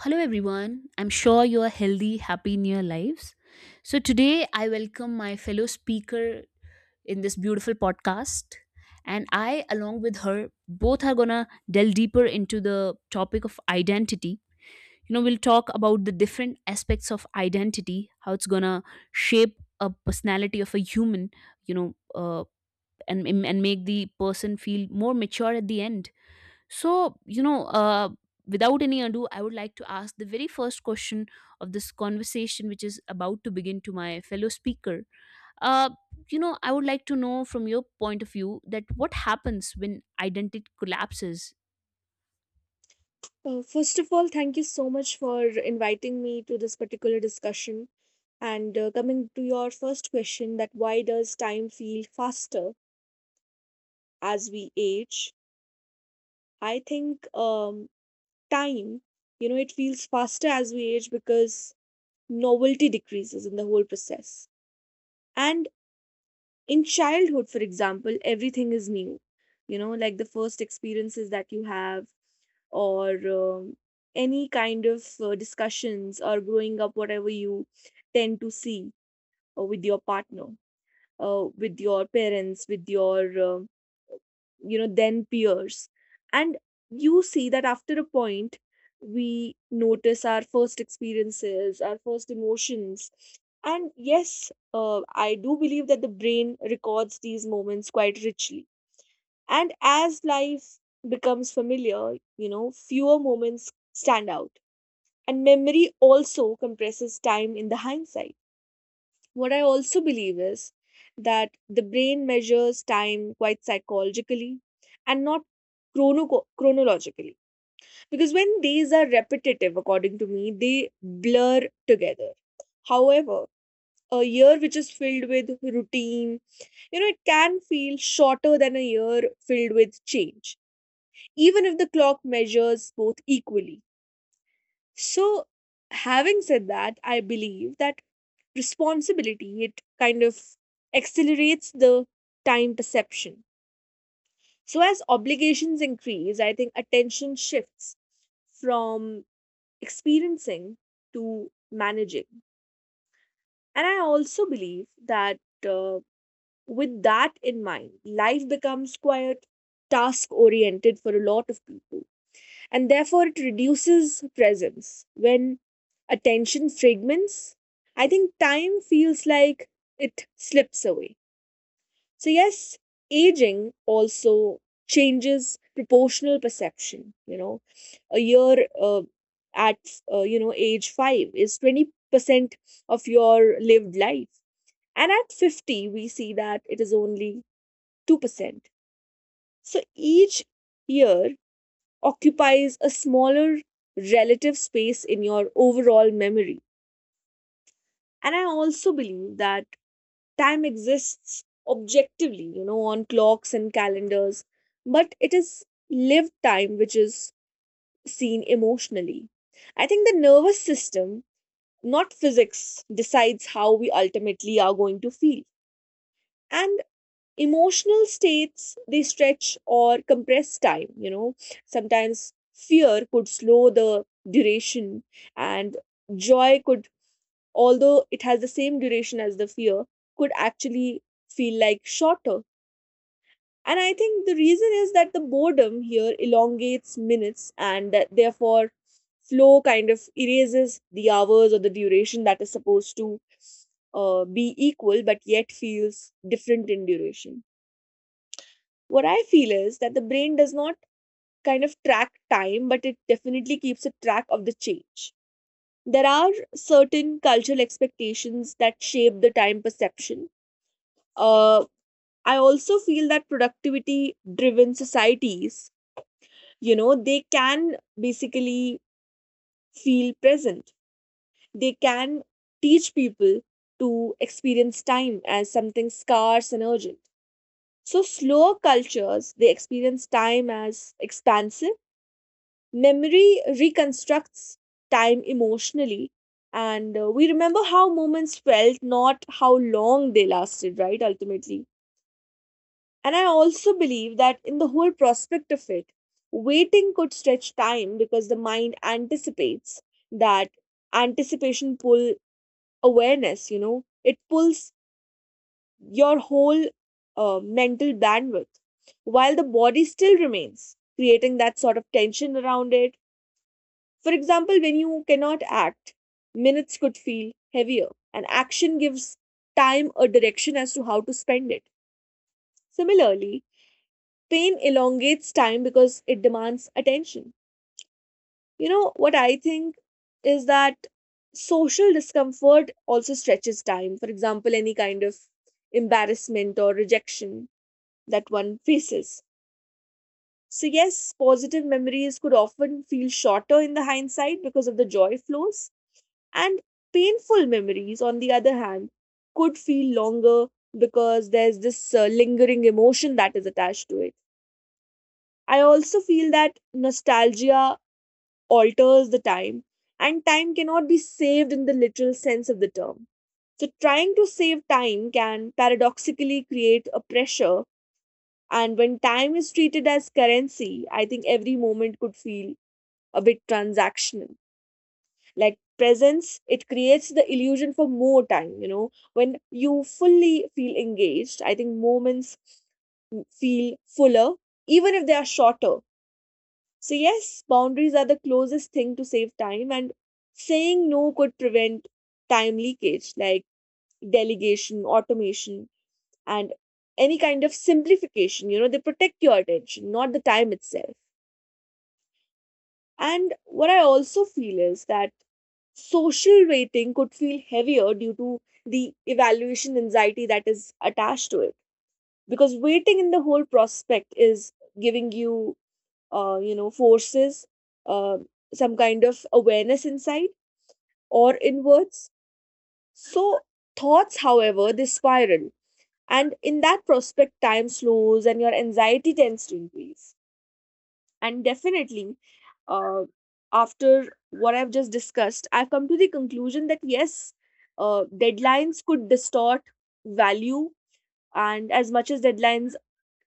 Hello, everyone. I'm sure you are healthy, happy in your lives. So, today I welcome my fellow speaker in this beautiful podcast. And I, along with her, both are gonna delve deeper into the topic of identity. You know, we'll talk about the different aspects of identity, how it's gonna shape a personality of a human, you know, uh, and make the person feel more mature at the end. So, without any ado, I would like to ask the very first question of this conversation, which is about to begin to my fellow speaker. Uh, you know, I would like to know from your point of view that what happens when identity collapses. First of all, thank you so much for inviting me to this particular discussion. And coming to your first question, that why does time feel faster as we age? I think time, it feels faster as we age because novelty decreases in the whole process. And in childhood, for example, everything is new. Like the first experiences that you have, or any kind of discussions or growing up whatever you tend to see with your partner, with your parents, with your, then peers, and you see that after a point, we notice our first experiences, our first emotions. And yes, I do believe that the brain records these moments quite richly, and as life becomes familiar, fewer moments stand out. And memory also compresses time in the hindsight. What I also believe is that the brain measures time quite psychologically and not chronologically. Because when these are repetitive, according to me, they blur together. However, a year which is filled with routine, it can feel shorter than a year filled with change, even if the clock measures both equally. So, having said that, I believe that responsibility, it kind of accelerates the time perception. So, as obligations increase, I think attention shifts from experiencing to managing. And I also believe that, uh, with that in mind, life becomes quite task oriented for a lot of people, and therefore it reduces presence. When attention fragments, I think time feels like it slips away. So, yes, aging also changes proportional perception. You know, a year, at age 5 is 20% of your lived life. And at 50, we see that it is only 2%. So, each year occupies a smaller relative space in your overall memory. And I also believe that time exists objectively, you know, on clocks and calendars, but it is lived time which is seen emotionally. I think the nervous system, not physics, decides how we ultimately are going to feel. And emotional states, they stretch or compress time. Sometimes fear could slow the duration, and joy could, although it has the same duration as the fear, could actually feel like shorter. And I think the reason is that the boredom here elongates minutes, and that therefore flow kind of erases the hours or the duration that is supposed to be equal but yet feels different in duration. What I feel is that the brain does not kind of track time, but it definitely keeps a track of the change. There are certain cultural expectations that shape the time perception. Uh, I also feel that productivity driven societies, you know, they can basically feel present. They can teach people to experience time as something scarce and urgent. So, slower cultures, they experience time as expansive. Memory reconstructs time emotionally, and we remember how moments felt, not how long they lasted, right? Ultimately. And I also believe that in the whole prospect of it, waiting could stretch time because the mind anticipates that. Anticipation pull awareness, you know, it pulls your whole mental bandwidth while the body still remains, creating that sort of tension around it. For example, when you cannot act, minutes could feel heavier, and action gives time a direction as to how to spend it. Similarly, pain elongates time because it demands attention. You know, what I think is that social discomfort also stretches time. For example, any kind of embarrassment or rejection that one faces. So, yes, positive memories could often feel shorter in the hindsight because of the joy flows. And painful memories, on the other hand, could feel longer because there's this lingering emotion that is attached to it. I also feel that nostalgia alters the time, and time cannot be saved in the literal sense of the term. So, trying to save time can paradoxically create a pressure. And when time is treated as currency, I think every moment could feel a bit transactional. Like presence, it creates the illusion for more time. You know, when you fully feel engaged, I think moments feel fuller even if they are shorter. So yes, boundaries are the closest thing to save time, and saying no could prevent time leakage. Like delegation, automation, and any kind of simplification, you know, they protect your attention, not the time itself. And what I also feel is that social rating could feel heavier due to the evaluation anxiety that is attached to it. Because waiting in the whole prospect is giving you, forces, uh, some kind of awareness inside or inwards. So thoughts, however, they spiral. And in that prospect, time slows and your anxiety tends to increase. And definitely, uh, after what I've just discussed, I've come to the conclusion that yes, deadlines could distort value, and as much as deadlines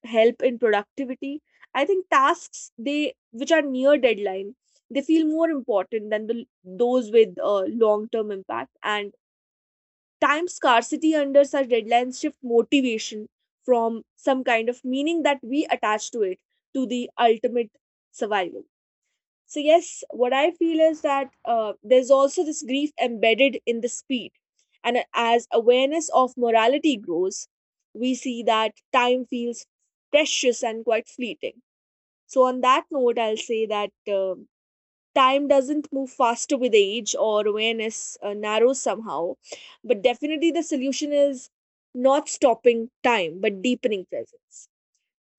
help in productivity, I think tasks they which are near deadline, they feel more important than the those with long term impact. And time scarcity under such deadlines shift motivation from some kind of meaning that we attach to it to the ultimate survival. So yes, what I feel is that, there's also this grief embedded in the speed, and as awareness of morality grows, we see that time feels precious and quite fleeting. So on that note, I'll say that time doesn't move faster with age, or awareness narrows somehow. But definitely, the solution is not stopping time, but deepening presence.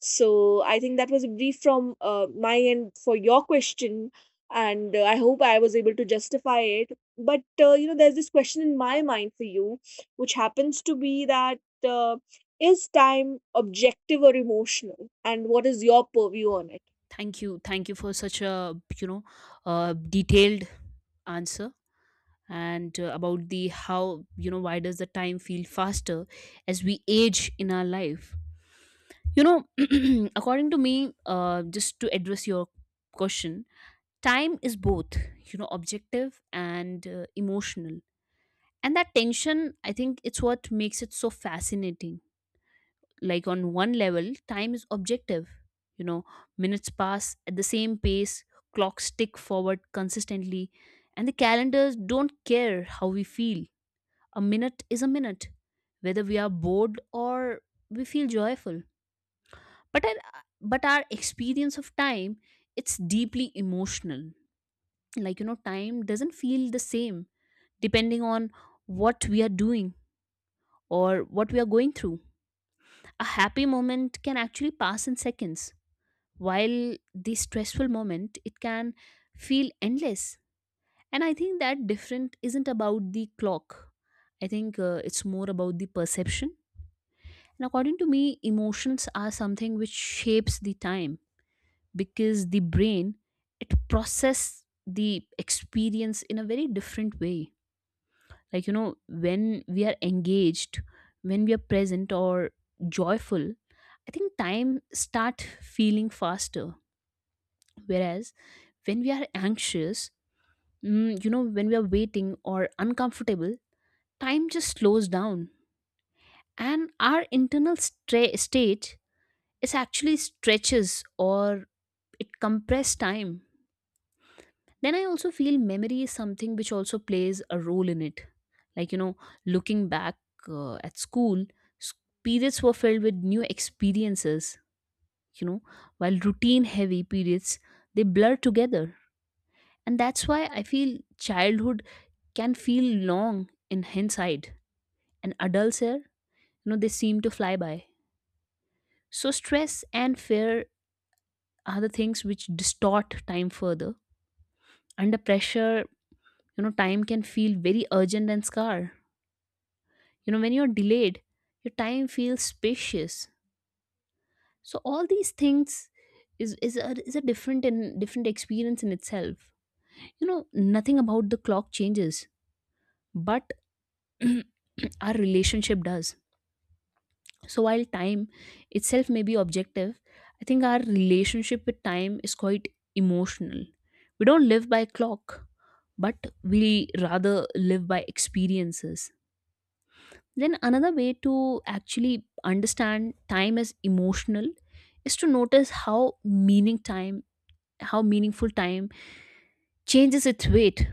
So I think that was a brief from my end for your question, and I hope I was able to justify it. But there's this question in my mind for you, which happens to be that, uh, is time objective or emotional, and what is your purview on it? Thank you for such a, you know detailed answer. And about the, how, you know, why does the time feel faster as we age in our life, you know, according to me, just to address your question, time is both, you know, objective and emotional, and that tension, I think, it's what makes it so fascinating. Like on one level, time is objective, you know, minutes pass at the same pace, clocks tick forward consistently, and the calendars don't care how we feel. A minute is a minute, whether we are bored or we feel joyful. But our, but our experience of time, it's deeply emotional. Like, you know, time doesn't feel the same depending on what we are doing or what we are going through. A happy moment can actually pass in seconds, while the stressful moment, it can feel endless. And I think that different isn't about the clock. I think it's more about the perception. And according to me, emotions are something which shapes the time, because the brain, it process the experience in a very different way. Like, you know, when we are engaged, when we are present or joyful, I think time start feeling faster. Whereas when we are anxious, you know, when we are waiting or uncomfortable, time just slows down, and our internal state, it actually stretches or it compresses time. Then I also feel memory is something which also plays a role in it. Like, you know, looking back, at school s- periods were filled with new experiences, you know, while routine heavy periods, they blur together. And that's why I feel childhood can feel long in hindsight, and adults here, you know, they seem to fly by. So stress and fear are the things which distort time further. Under pressure, you know, time can feel very urgent and scar. You know, when you're delayed, your time feels spacious. So all these things is a different and different experience in itself. You know, nothing about the clock changes, but our relationship does. So while time itself may be objective, I think our relationship with time is quite emotional. We don't live by clock, but we rather live by experiences. Then another way to actually understand time as emotional is to notice how meaningful time changes its weight.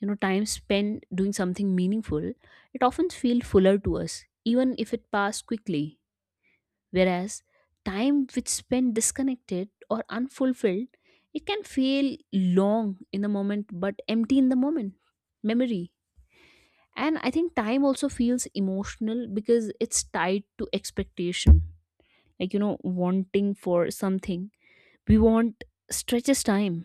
You know, time spent doing something meaningful, it often feels fuller to us, even if it passed quickly. Whereas time which spent disconnected or unfulfilled, it can feel long in the moment but empty in the moment. Memory, and I think time also feels emotional because it's tied to expectation. Like, you know, wanting for something we want stretches time,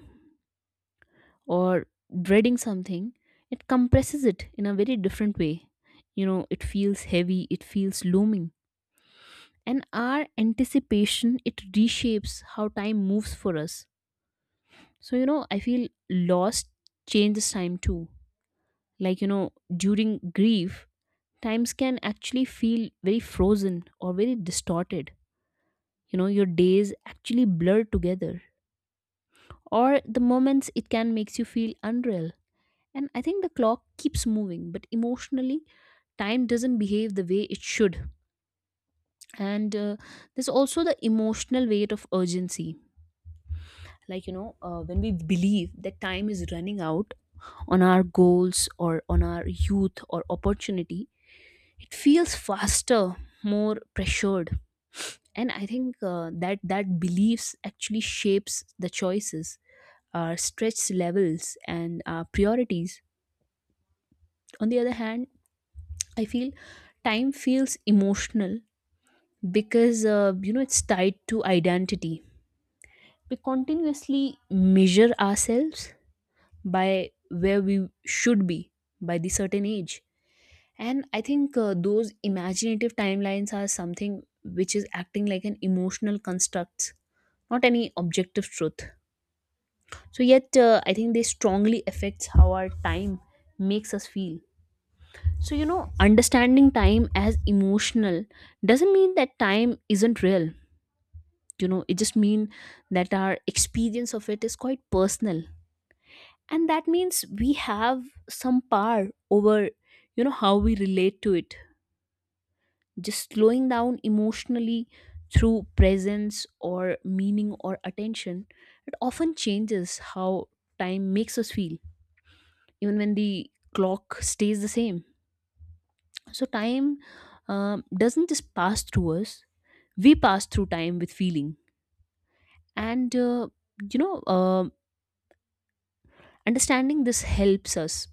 or dreading something, it compresses it in a very different way. You know, it feels heavy, it feels looming, and our anticipation, it reshapes how time moves for us. So, you know, I feel lost changes time too. Like, you know, during grief, times can actually feel very frozen or very distorted. You know, your days actually blur together, or the moments, it can makes you feel unreal. And I think the clock keeps moving, but emotionally, time doesn't behave the way it should. And there's also the emotional weight of urgency. Like, you know, when we believe that time is running out on our goals or on our youth or opportunity, it feels faster, more pressured. And I think that beliefs actually shapes the choices, our stretch levels and our priorities. On the other hand, I feel time feels emotional because, you know, it's tied to identity. We continuously measure ourselves by where we should be by the certain age. And I think those imaginative timelines are something which is acting like an emotional construct, not any objective truth. So yet, I think they strongly affects how our time makes us feel. So, you know, understanding time as emotional doesn't mean that time isn't real. You know, it just means that our experience of it is quite personal, and that means we have some power over, you know, how we relate to it. Just slowing down emotionally through presence or meaning or attention, it often changes how time makes us feel, even when the clock stays the same. So time, doesn't just pass through us, we pass through time with feeling. And you know um understanding this helps us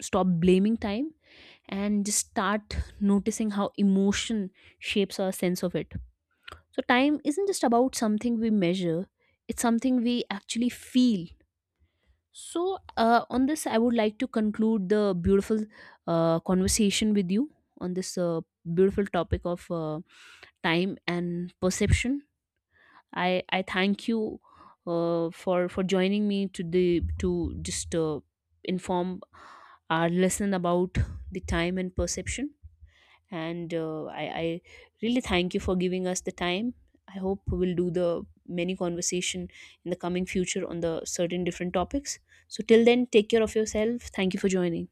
stop blaming time and just start noticing how emotion shapes our sense of it. So time isn't just about something we measure, it's something we actually feel. So, on this, I would like to conclude the beautiful conversation with you on this beautiful topic of time and perception. I thank you for joining me to the to just inform our lesson about the time and perception. And I really thank you for giving us the time. I hope we'll do the many conversation in the coming future on the certain different topics. So till then, take care of yourself. Thank you for joining.